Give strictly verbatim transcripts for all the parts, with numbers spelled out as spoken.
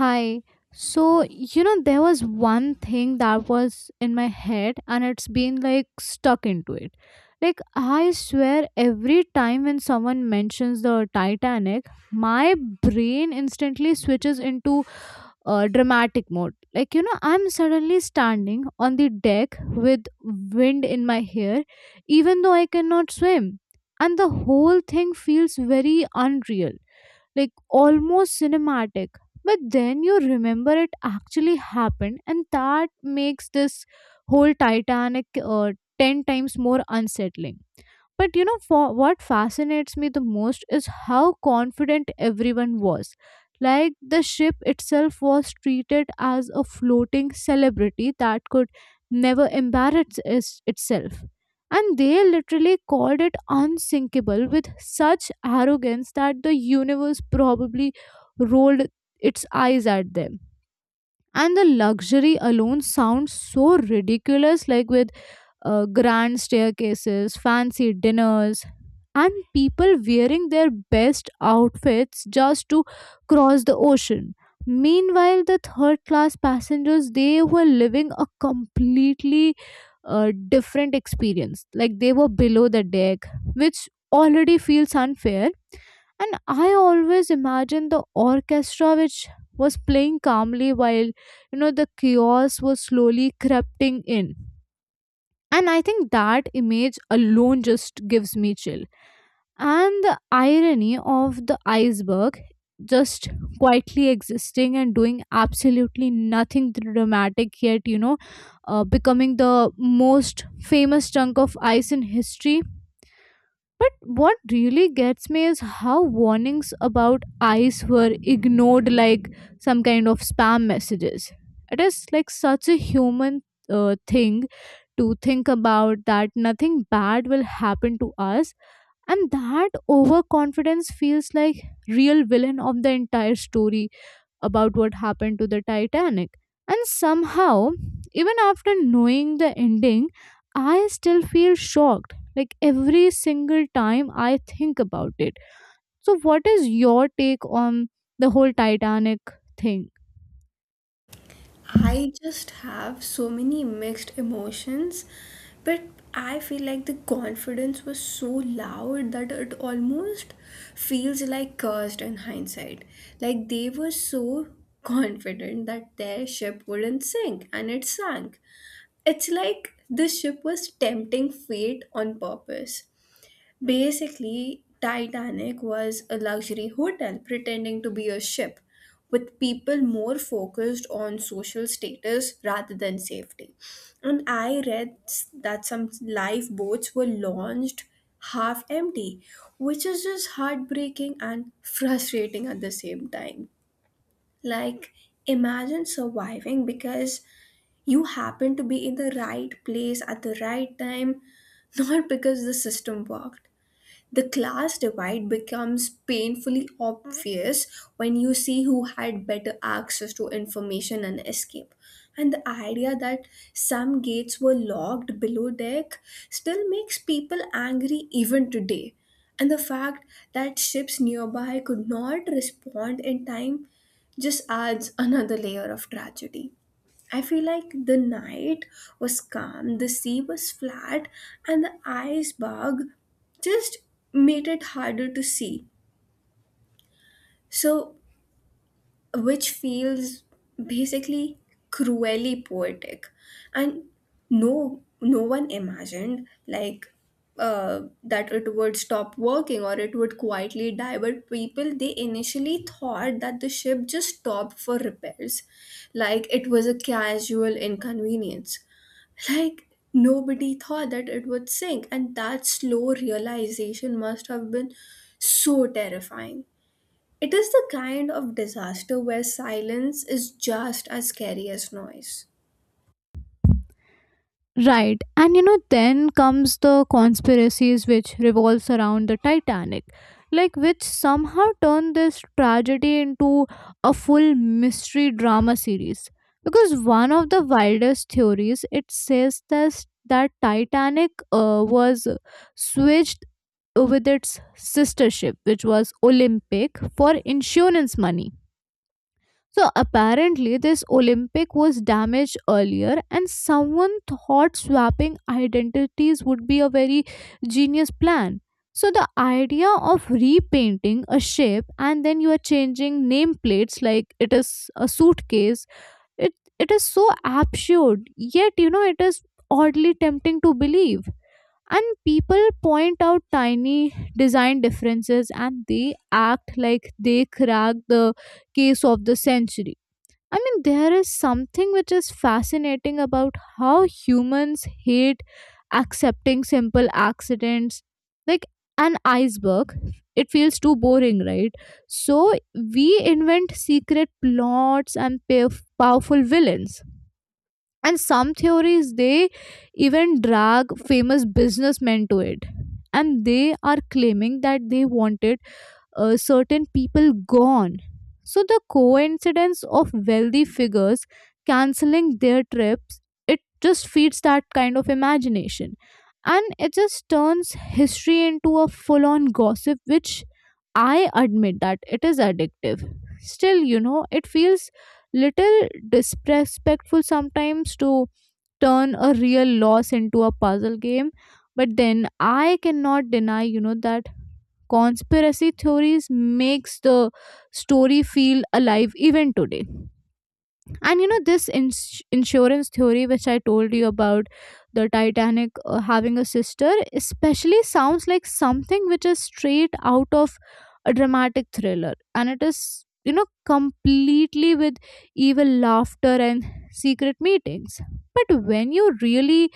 Hi. So, you know, there was one thing that was in my head and it's been like stuck into it. Like, I swear, every time when someone mentions the Titanic, my brain instantly switches into uh, dramatic mode. Like, you know, I'm suddenly standing on the deck with wind in my hair, even though I cannot swim. And the whole thing feels very unreal, like almost cinematic. But then you remember it actually happened, and that makes this whole Titanic uh, ten times more unsettling. But you know, for what fascinates me the most is how confident everyone was. Like, the ship itself was treated as a floating celebrity that could never embarrass is- itself. And they literally called it unsinkable with such arrogance that the universe probably rolled its eyes at them. And the luxury alone sounds so ridiculous, like with uh, grand staircases, fancy dinners, and people wearing their best outfits just to cross the ocean. Meanwhile, the third class passengers, they were living a completely uh, different experience. Like, they were below the deck, which already feels unfair. And I always imagine the orchestra which was playing calmly while you know the chaos was slowly crepting in, and I think that image alone just gives me chill. And the irony of the iceberg just quietly existing and doing absolutely nothing dramatic, yet, you know, uh, becoming the most famous chunk of ice in history. But what really gets me is how warnings about ice were ignored like some kind of spam messages. It is like such a human uh, thing to think about, that nothing bad will happen to us, and that overconfidence feels like real villain of the entire story about what happened to the Titanic. And somehow, even after knowing the ending, I still feel shocked. Like, every single time I think about it. So, what is your take on the whole Titanic thing? I just have so many mixed emotions, but I feel like the confidence was so loud that it almost feels like cursed in hindsight. Like they were so confident that their ship wouldn't sink and it sank. It's like the ship was tempting fate on purpose. Basically, Titanic was a luxury hotel pretending to be a ship, with people more focused on social status rather than safety. And I read s- that some lifeboats were launched half empty, which is just heartbreaking and frustrating at the same time. Like, imagine surviving because you happen to be in the right place at the right time, not because the system worked. The class divide becomes painfully obvious when you see who had better access to information and escape. And the idea that some gates were locked below deck still makes people angry even today. And the fact that ships nearby could not respond in time just adds another layer of tragedy. I feel like the night was calm, the sea was flat, and the iceberg just made it harder to see. So, which feels basically cruelly poetic. And no, no one imagined like uh, that it would stop working or it would quietly die. But people they initially thought that the ship just stopped for repairs, like it was a casual inconvenience. Like, nobody thought that it would sink, and that slow realization must have been so terrifying. It is the kind of disaster where silence is just as scary as noise. Right. And you know, then comes the conspiracies which revolves around the Titanic, like, which somehow turn this tragedy into a full mystery drama series. Because one of the wildest theories, it says this, that Titanic uh, was switched with its sister ship, which was Olympic, for insurance money. So apparently, this Olympic was damaged earlier, and someone thought swapping identities would be a very genius plan. So the idea of repainting a ship and then you are changing nameplates, like it is a suitcase. It it is so absurd, yet you know it is oddly tempting to believe. And people point out tiny design differences and they act like they crack the case of the century. I mean, there is something which is fascinating about how humans hate accepting simple accidents. Like, an iceberg, it feels too boring, right? So we invent secret plots and pa- powerful villains. And some theories, they even drag famous businessmen to it. And they are claiming that they wanted uh, certain people gone. So the coincidence of wealthy figures canceling their trips, it just feeds that kind of imagination. And it just turns history into a full on gossip, which I admit that it is addictive. Still, you know, it feels little disrespectful sometimes to turn a real loss into a puzzle game. But then I cannot deny, you know, that conspiracy theories makes the story feel alive even today. And you know this ins- insurance theory which I told you about the Titanic uh, having a sister especially sounds like something which is straight out of a dramatic thriller. And it is you know completely with evil laughter and secret meetings. But when you really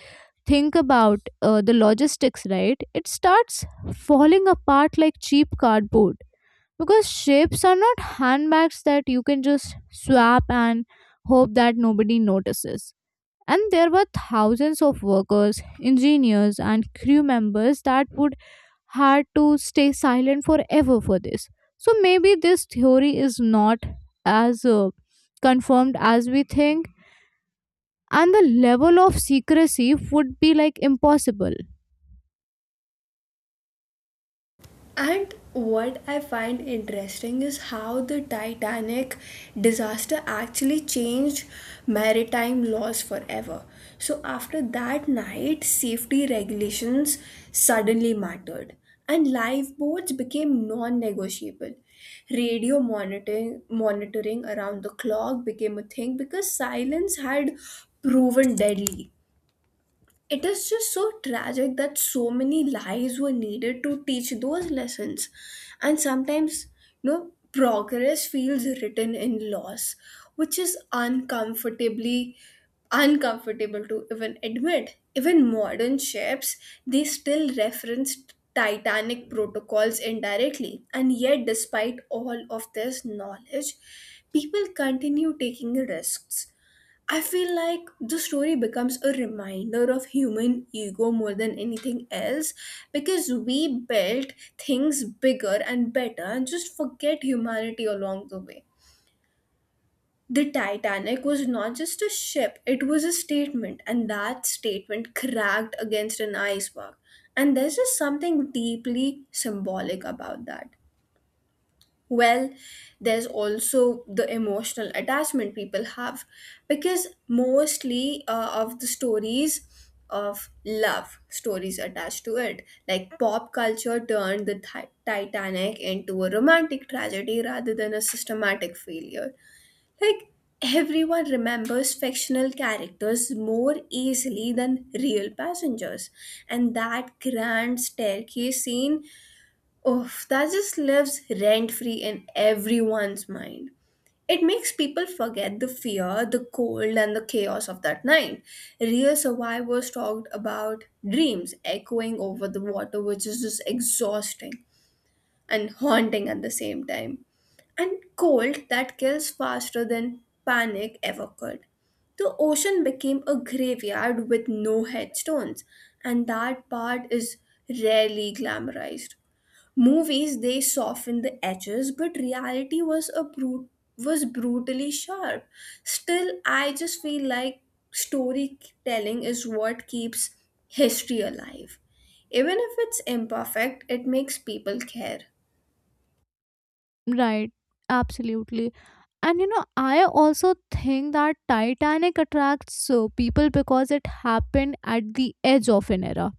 think about uh, the logistics, right? It starts falling apart like cheap cardboard, because ships are not handbags that you can just swap and hope that nobody notices. And there were thousands of workers, engineers, and crew members that would had to stay silent forever for this. So maybe this theory is not as uh, confirmed as we think, and the level of secrecy would be like impossible. And what I find interesting is how the Titanic disaster actually changed maritime laws forever. So, after that night, safety regulations suddenly mattered, and lifeboats became non negotiable. Radio monitoring, monitoring around the clock became a thing because silence had proven deadly. It is just so tragic that so many lives were needed to teach those lessons. And sometimes, you know, progress feels written in loss, which is uncomfortably uncomfortable to even admit. Even modern ships, they still reference Titanic protocols indirectly. And yet, despite all of this knowledge, people continue taking risks. I feel like the story becomes a reminder of human ego more than anything else because we build things bigger and better and just forget humanity along the way. The Titanic was not just a ship, it was a statement, and that statement cracked against an iceberg. And there's just something deeply symbolic about that. Well, there's also the emotional attachment people have because mostly uh, of the stories of love stories attached to it. Like pop culture turned the Ti- titanic into a romantic tragedy rather than a systematic failure. Like everyone remembers fictional characters more easily than real passengers, and that grand staircase scene, oof, that just lives rent free in everyone's mind. It makes people forget the fear, the cold, and the chaos of that night. Real survivors talked about dreams echoing over the water, which is just exhausting and haunting at the same time. And cold that kills faster than panic ever could. The ocean became a graveyard with no headstones, and that part is rarely glamorized. Movies they softened the edges, but reality was a brute was brutally sharp. Still, I just feel like storytelling is what keeps history alive. Even if it's imperfect, it makes people care. Right, absolutely. And you know, I also think that Titanic attracts so people because it happened at the edge of an era.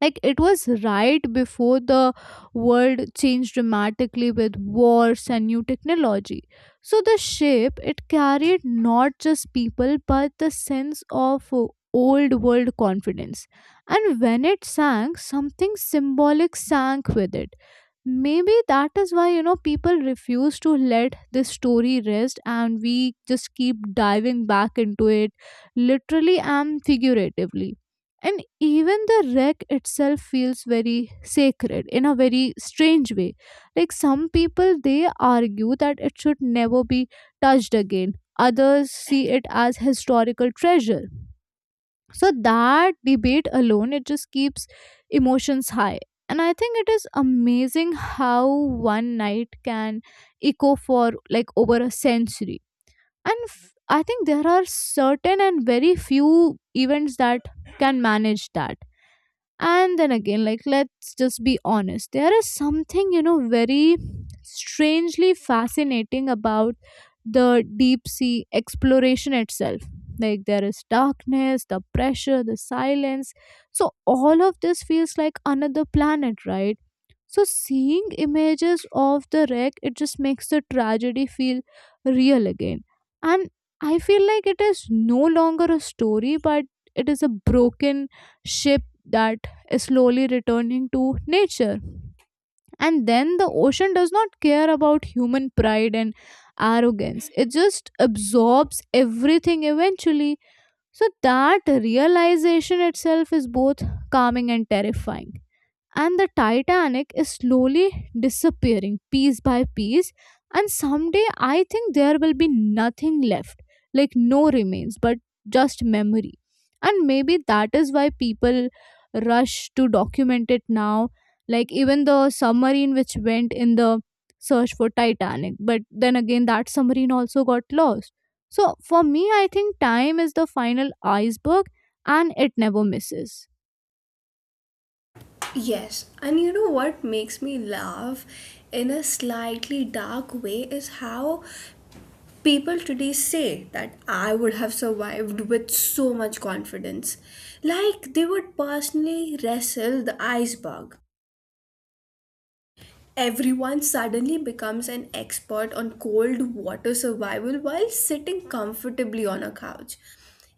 Like, it was right before the world changed dramatically with wars and new technology. So the ship, it carried not just people but the sense of uh, old world confidence. And when it sank, something symbolic sank with it. Maybe that is why you know people refuse to let this story rest, and we just keep diving back into it, literally and figuratively. And even the wreck itself feels very sacred in a very strange way. Like, some people, they argue that it should never be touched again. Others see it as historical treasure. So that debate alone, it just keeps emotions high. And I think it is amazing how one night can echo for like over a century. And f- I think there are certain and very few events that can manage that. And then again, like, let's just be honest, there is something, you know, very strangely fascinating about the deep sea exploration itself. Like, there is darkness, the pressure, the silence. So, all of this feels like another planet, right? So seeing images of the wreck, it just makes the tragedy feel real again. And I feel like it is no longer a story, but it is a broken ship that is slowly returning to nature. And then the ocean does not care about human pride and arrogance, it just absorbs everything eventually. So that realization itself is both calming and terrifying, and the Titanic is slowly disappearing piece by piece. And someday I think there will be nothing left, like no remains, but just memory. And maybe that is why people rush to document it now. Like, even the submarine which went in the search for Titanic, but then again, that submarine also got lost. So for me, I think time is the final iceberg, and it never misses. Yes, and you know what makes me laugh in a slightly dark way is how people today say that I would have survived with so much confidence, like they would personally wrestle the iceberg. Everyone suddenly becomes an expert on cold water survival while sitting comfortably on a couch.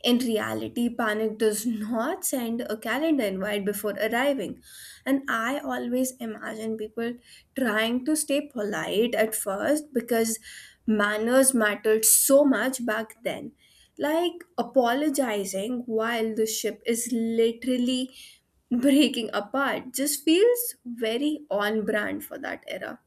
In reality, panic does not send a calendar invite before arriving. And I always imagine people trying to stay polite at first because manners mattered so much back then. Like apologizing while the ship is literally breaking apart just feels very on brand for that era.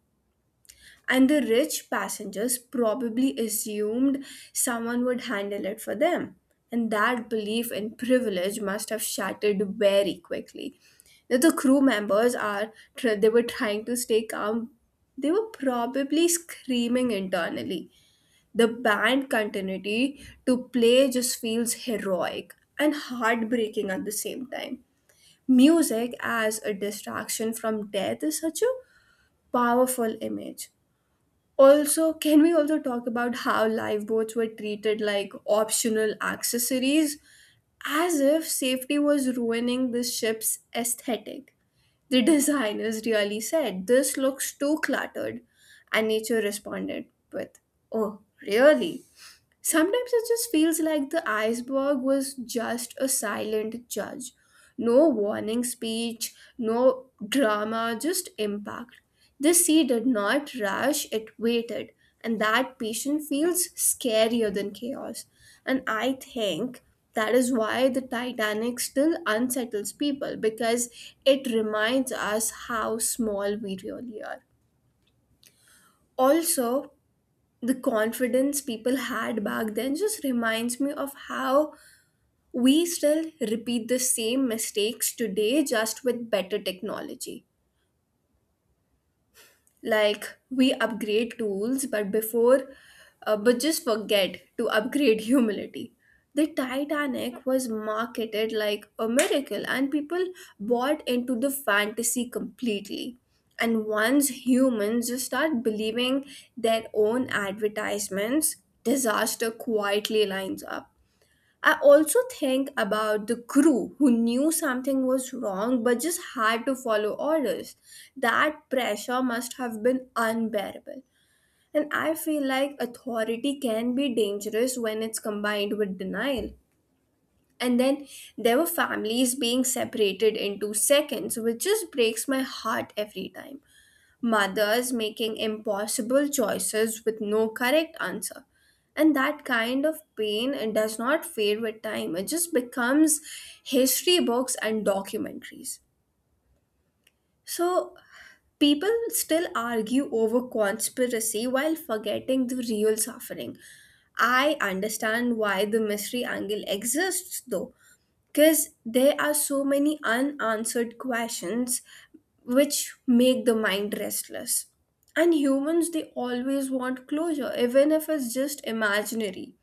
And the rich passengers probably assumed someone would handle it for them. And that belief in privilege must have shattered very quickly. Now, the crew members are, tr- they were trying to stay calm. They were probably screaming internally. The band continuity to play just feels heroic and heartbreaking at the same time. Music as a distraction from death is such a powerful image. Also, can we also talk about how lifeboats were treated like optional accessories as if safety was ruining the ship's aesthetic? The designers really said, "This looks too cluttered." And nature responded with, "Oh, really?" Sometimes it just feels like the iceberg was just a silent judge. No warning speech, no drama, just impact. The sea did not rush, it waited, and that patience feels scarier than chaos. And I think that is why the Titanic still unsettles people because it reminds us how small we really are. Also, the confidence people had back then just reminds me of how we still repeat the same mistakes today, just with better technology. Like we upgrade tools but before uh, but just forget to upgrade humility. The Titanic was marketed like a miracle and people bought into the fantasy completely. And once humans just start believing their own advertisements, disaster quietly lines up. I also think about the crew who knew something was wrong but just had to follow orders. That pressure must have been unbearable. And I feel like authority can be dangerous when it's combined with denial. And then there were families being separated into seconds, which just breaks my heart every time. Mothers making impossible choices with no correct answer. And that kind of pain it does not fade with time. It just becomes history books and documentaries. So people still argue over conspiracy while forgetting the real suffering. I understand why the mystery angle exists though, because there are so many unanswered questions which make the mind restless. And humans, they always want closure, even if it's just imaginary.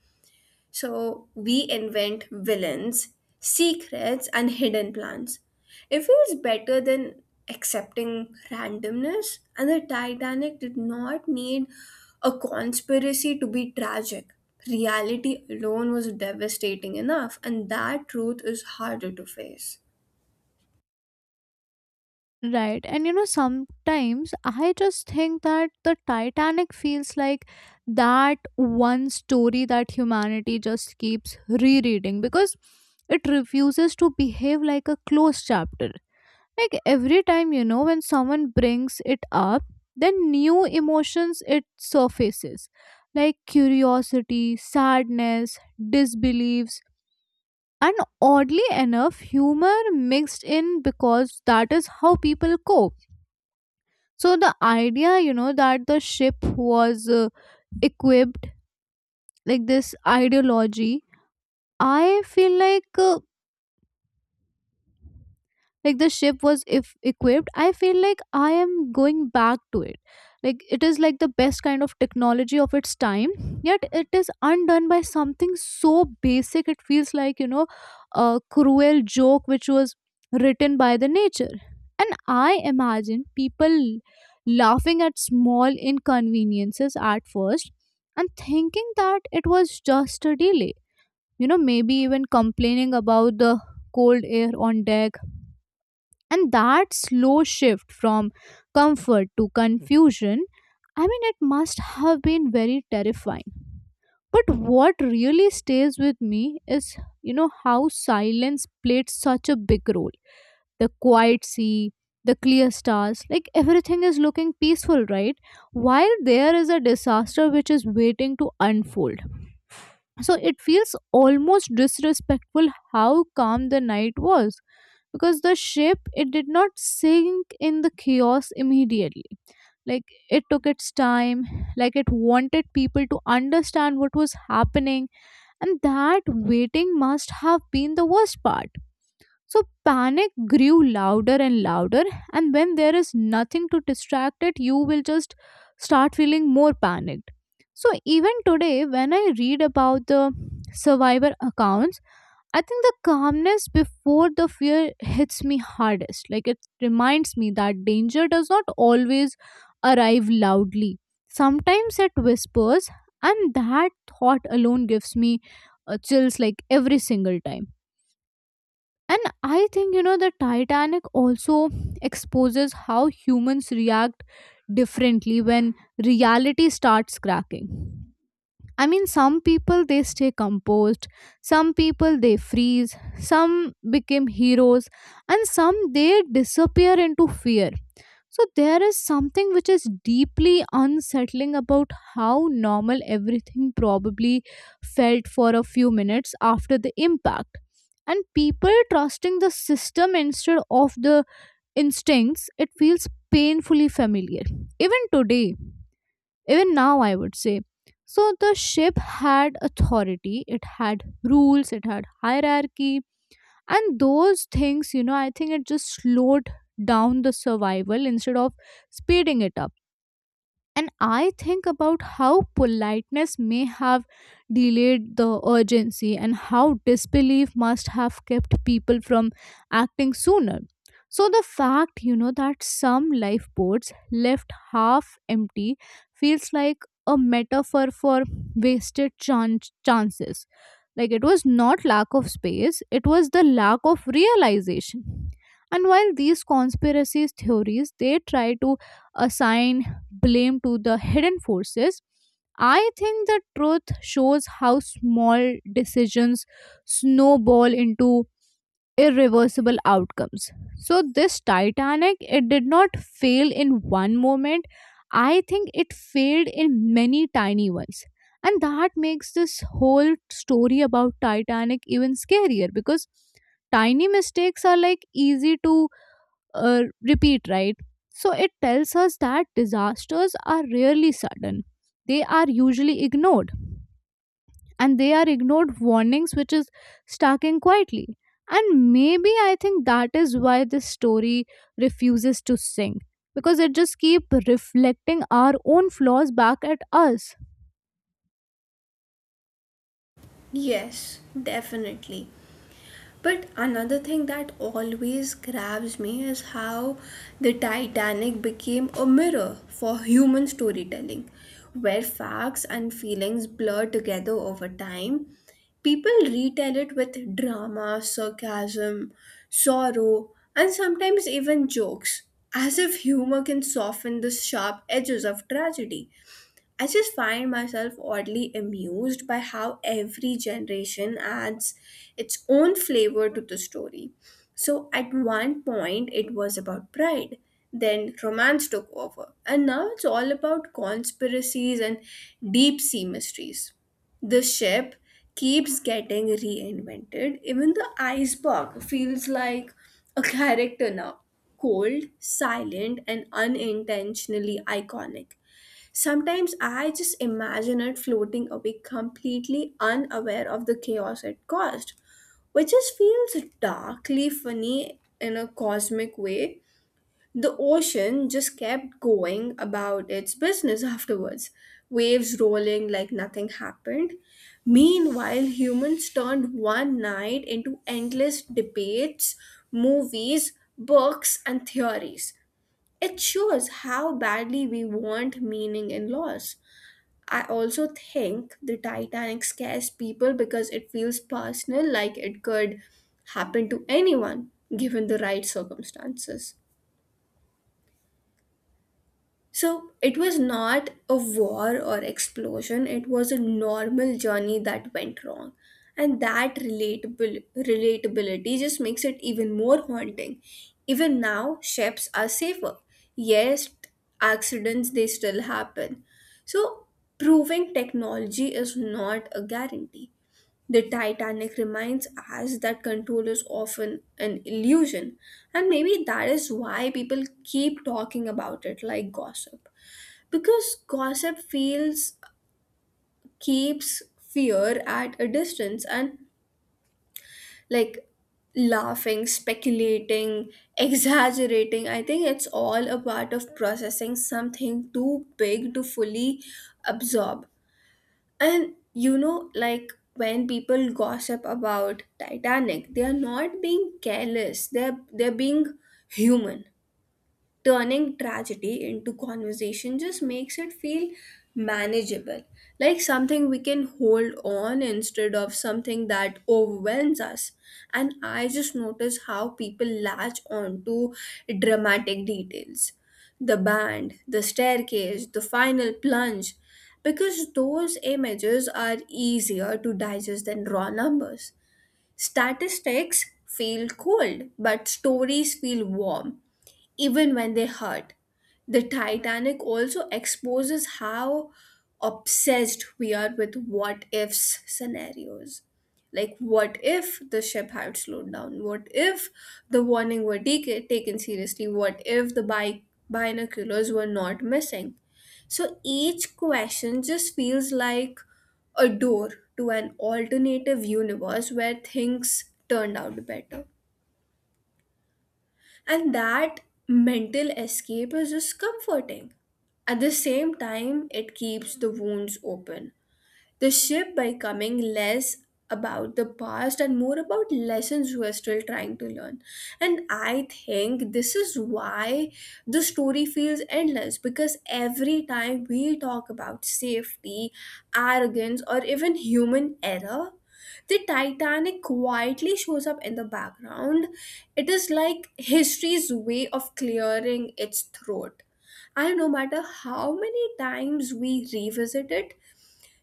So we invent villains, secrets, and hidden plans. It feels better than accepting randomness, and the Titanic did not need a conspiracy to be tragic. Reality alone was devastating enough, and that truth is harder to face. Right. And you know, sometimes I just think that the Titanic feels like that one story that humanity just keeps rereading because it refuses to behave like a closed chapter. Like, every time, you know, when someone brings it up, then new emotions, it surfaces, like curiosity, sadness, disbeliefs, and, oddly enough, humor mixed in, because that is how people cope. So the idea, you know, that the ship was uh, equipped like this ideology, I feel like, uh, like the ship was if equipped, I feel like I am going back to it. Like, it is like the best kind of technology of its time, yet it is undone by something so basic. It feels like, you know a cruel joke which was written by the nature. And I imagine people laughing at small inconveniences at first, and thinking that it was just a delay, you know maybe even complaining about the cold air on deck. And that slow shift from comfort to confusion, I mean, it must have been very terrifying. But what really stays with me is, you know, how silence played such a big role. The quiet sea, the clear stars, like everything is looking peaceful, right? While there is a disaster which is waiting to unfold. So it feels almost disrespectful how calm the night was, because the ship, it did not sink in the chaos immediately. Like, it took its time, like it wanted people to understand what was happening. And that waiting must have been the worst part. So panic grew louder and louder, and when there is nothing to distract it, you will just start feeling more panicked. So even today, when I read about the survivor accounts, I think the calmness before the fear hits me hardest. Like, it reminds me that danger does not always arrive loudly. Sometimes it whispers, and that thought alone gives me uh, chills, like every single time. And I think, you know, the Titanic also exposes how humans react differently when reality starts cracking. I mean, some people, they stay composed, some people, they freeze, some become heroes, and some, they disappear into fear. So, there is something which is deeply unsettling about how normal everything probably felt for a few minutes after the impact. And people trusting the system instead of the instincts, it feels painfully familiar. Even today, even now, I would say, so the ship had authority, it had rules, it had hierarchy, and those things, you know I think, it just slowed down the survival instead of speeding it up. And I think about how politeness may have delayed the urgency, and how disbelief must have kept people from acting sooner. So, the fact, you know, that some lifeboats left half empty feels like a metaphor for wasted chan- chances. Like, it was not lack of space, it was the lack of realization. And while these conspiracies theories, they try to assign blame to the hidden forces, I think the truth shows how small decisions snowball into irreversible outcomes. So this Titanic, it did not fail in one moment. I think it failed in many tiny ones. And that makes this whole story about Titanic even scarier because tiny mistakes are like easy to uh, repeat, right? So it tells us that disasters are rarely sudden. They are usually ignored, and they are ignored warnings, which is stalking quietly. And maybe I think that is why this story refuses to sink because it just keep reflecting our own flaws back at us. Yes, definitely. But another thing that always grabs me is how the Titanic became a mirror for human storytelling, where facts and feelings blur together over time. People retell it with drama, sarcasm, sorrow, and sometimes even jokes, as if humor can soften the sharp edges of tragedy. I just find myself oddly amused by how every generation adds its own flavor to the story. So, at one point, it was about pride, then romance took over, and now it's all about conspiracies and deep sea mysteries. The ship keeps getting reinvented, even the iceberg feels like a character now, cold, silent, and unintentionally iconic. Sometimes I just imagine it floating away completely unaware of the chaos it caused, which just feels darkly funny in a cosmic way. The ocean just kept going about its business afterwards, waves rolling like nothing happened. Meanwhile, humans turned one night into endless debates, movies, books, and theories. It shows how badly we want meaning in laws. I also think the Titanic scares people because it feels personal, like it could happen to anyone given the right circumstances. So it was not a war or explosion, it was a normal journey that went wrong. And that relatable relatability just makes it even more haunting. Even now, chefs are safer. Yes, accidents they still happen. So proving technology is not a guarantee. The Titanic reminds us that control is often an illusion, and maybe that is why people keep talking about it like gossip because gossip feels keeps fear at a distance. And like laughing, speculating, exaggerating, I think it's all a part of processing something too big to fully absorb. And you know, like when people gossip about Titanic, they are not being careless, they're they're being human. Turning tragedy into conversation just makes it feel manageable, like something we can hold on instead of something that overwhelms us. And I just notice how people latch on to dramatic details, the band, the staircase, the final plunge, because those images are easier to digest than raw numbers. Statistics feel cold but stories feel warm even when they hurt. The Titanic also exposes how obsessed we are with what ifs scenarios. Like, what if the ship had slowed down? What if the warning were take- taken seriously? What if the bi- binoculars were not missing? So each question just feels like a door to an alternative universe where things turned out better. And that mental escape is just comforting. At the same time, it keeps the wounds open. The ship becoming less about the past and more about lessons we're still trying to learn. And I think this is why the story feels endless because every time we talk about safety, arrogance, or even human error, the Titanic quietly shows up in the background. It is like history's way of clearing its throat. And no matter how many times we revisit it,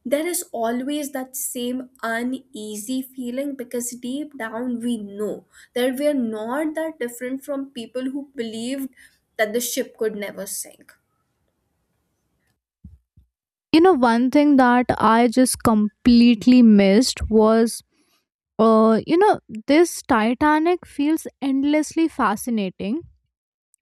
there is always that same uneasy feeling because deep down we know that we are not that different from people who believed that the ship could never sink. You know, one thing that I just completely missed was, uh, you know, this Titanic feels endlessly fascinating.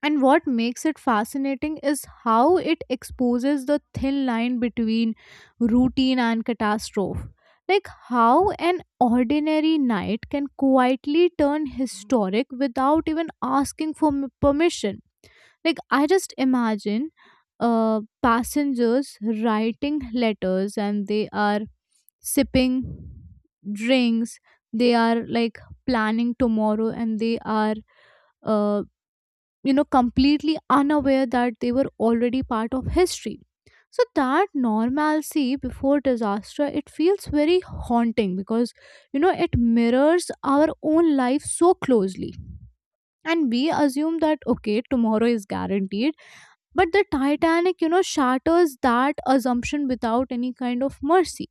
And what makes it fascinating is how it exposes the thin line between routine and catastrophe. Like how an ordinary night can quietly turn historic without even asking for m- permission. Like I just imagine uh, passengers writing letters and they are sipping drinks, they are like planning tomorrow and they are uh, you know completely unaware that they were already part of history. So that normalcy before disaster it feels very haunting because you know it mirrors our own life so closely, and we assume that okay tomorrow is guaranteed, but the Titanic you know shatters that assumption without any kind of mercy.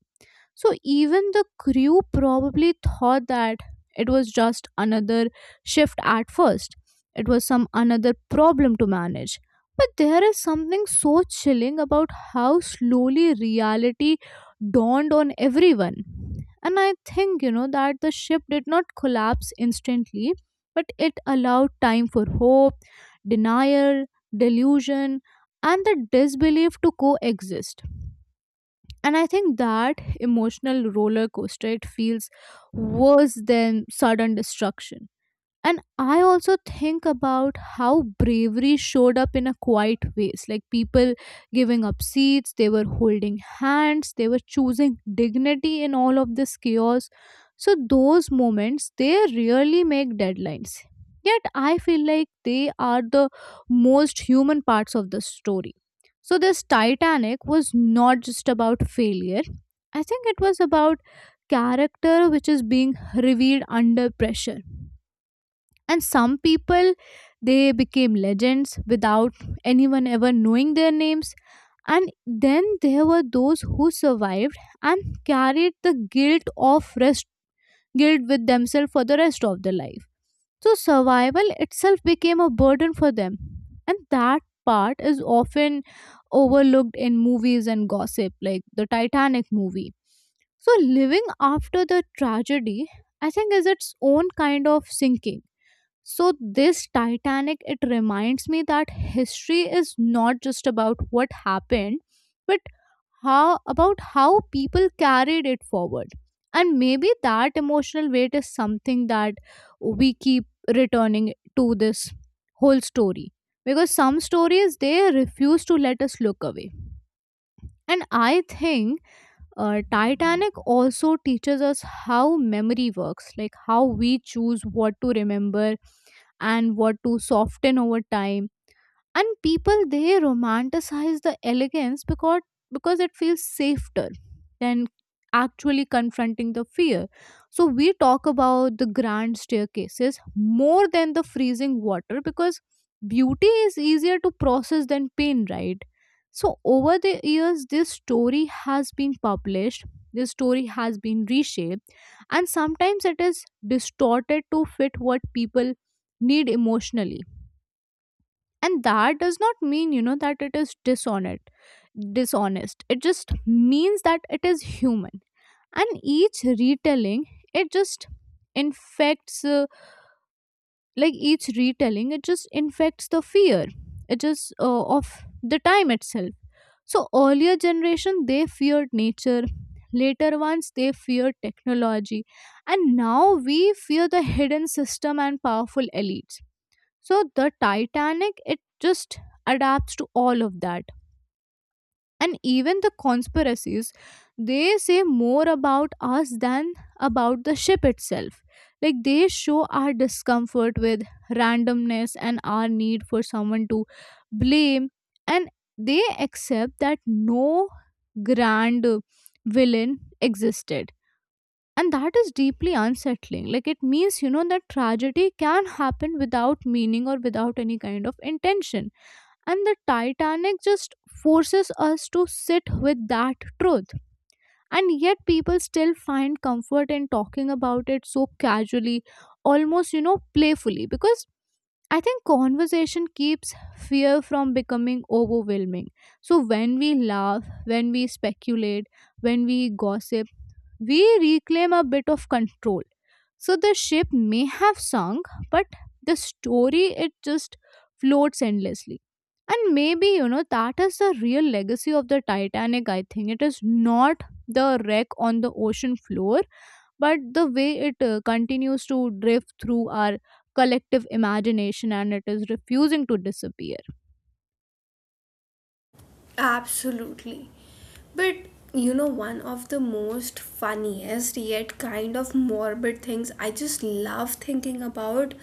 So even the crew probably thought that it was just another shift at first. It was some another problem to manage. But there is something so chilling about how slowly reality dawned on everyone. And I think, you know, that the ship did not collapse instantly, but it allowed time for hope, denial, delusion, and the disbelief to coexist. And I think that emotional roller coaster it feels worse than sudden destruction. And I also think about how bravery showed up in a quiet ways, like people giving up seats, they were holding hands, they were choosing dignity in all of this chaos. So, those moments they really make deadlines. Yet, I feel like they are the most human parts of the story. So, this Titanic was not just about failure, I think it was about character which is being revealed under pressure, and some people they became legends without anyone ever knowing their names. And then there were those who survived and carried the guilt of rest guilt with themselves for the rest of their life. So survival itself became a burden for them, and that part is often overlooked in movies and gossip, like the Titanic movie. So living after the tragedy I think is its own kind of sinking. So, this Titanic, it reminds me that history is not just about what happened, but how about how people carried it forward. And maybe that emotional weight is something that we keep returning to this whole story. Because some stories they refuse to let us look away. And I think uh, Titanic also teaches us how memory works, like how we choose what to remember and what to soften over time. And people they romanticize the elegance because because it feels safer than actually confronting the fear. So we talk about the grand staircases more than the freezing water because beauty is easier to process than pain, right? So over the years this story has been published, this story has been reshaped, and sometimes it is distorted to fit what people need emotionally. And that does not mean you know that it is dishonest dishonest it just means that it is human. And each retelling it just infects uh, like each retelling it just infects the fear, it just uh, of the time itself. So earlier generation they feared nature, later ones they feared technology, and now we fear the hidden system and powerful elites. So the Titanic, it just adapts to all of that. And even the conspiracies, they say more about us than about the ship itself. Like they show our discomfort with randomness and our need for someone to blame. And they accept that no grand villain existed, and that is deeply unsettling. Like it means you know that tragedy can happen without meaning or without any kind of intention. And the Titanic just forces us to sit with that truth. And yet people still find comfort in talking about it so casually, almost you know playfully, because I think conversation keeps fear from becoming overwhelming. So when we laugh, when we speculate, when we gossip, we reclaim a bit of control. So the ship may have sunk, but the story it just floats endlessly. And maybe, you know, that is the real legacy of the Titanic, I think. It is not the wreck on the ocean floor, but the way it uh, continues to drift through our collective imagination and it is refusing to disappear. Absolutely. But you know, one of the most funniest yet kind of morbid things I just love thinking about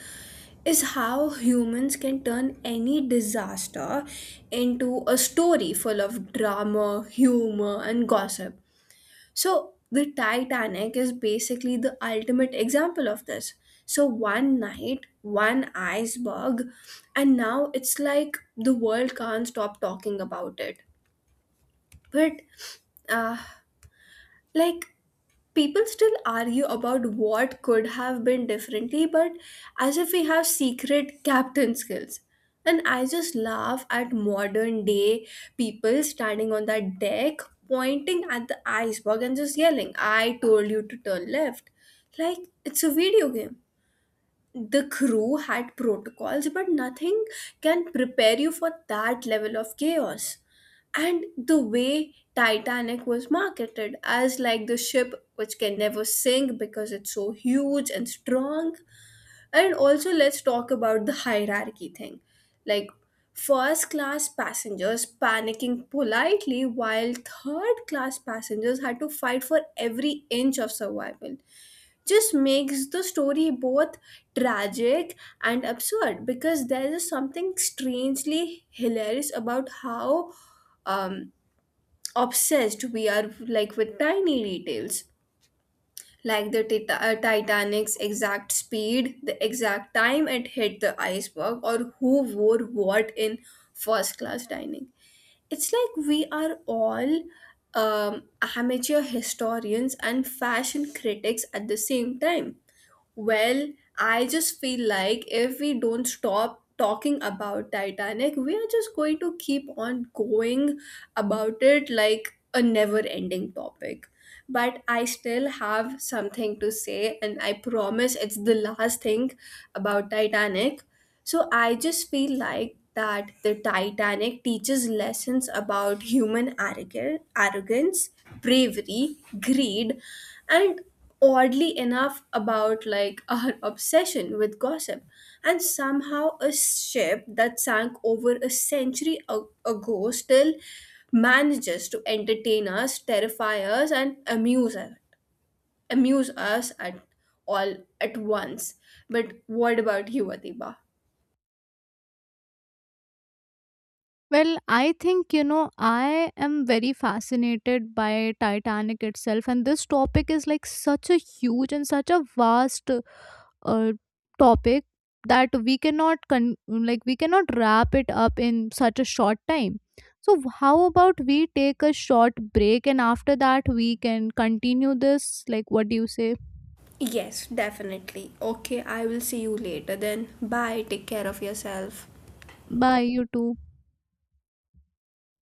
is how humans can turn any disaster into a story full of drama, humor, and gossip. So, the Titanic is basically the ultimate example of this. So, one night, one iceberg, and now it's like the world can't stop talking about it. But, uh, like, people still argue about what could have been differently, but as if we have secret captain skills. And I just laugh at modern day people standing on that deck, pointing at the iceberg and just yelling, "I told you to turn left." Like it's a video game. The crew had protocols, but nothing can prepare you for that level of chaos. And the way Titanic was marketed as like the ship which can never sink because it's so huge and strong. And also, let's talk about the hierarchy thing. Like, first class passengers panicking politely, while third class passengers had to fight for every inch of survival just makes the story both tragic and absurd. Because there is something strangely hilarious about how um, obsessed we are, like with tiny details, like the Tita- uh, titanic's exact speed, the exact time it hit the iceberg, or who wore what in first class dining. It's like we are all um, amateur historians and fashion critics at the same time. Well, I just feel like if we don't stop talking about Titanic, we are just going to keep on going about it like a never ending topic. But I still have something to say, and I promise it's the last thing about Titanic. So I just feel like that the Titanic teaches lessons about human arrogance, arrogance, bravery, greed, and oddly enough about like our obsession with gossip. And somehow a ship that sank over a century a- ago still manages to entertain us, terrify us, and amuse us amuse us at all at once. But what about you, Adiba? Well, I think, you know, I am very fascinated by Titanic itself, and this topic is like such a huge and such a vast uh, topic that we cannot con- like we cannot wrap it up in such a short time. So how about we take a short break and after that we can continue this? Like what do you say? Yes, definitely. Okay, I will see you later then. Bye. Take care of yourself. Bye, you too.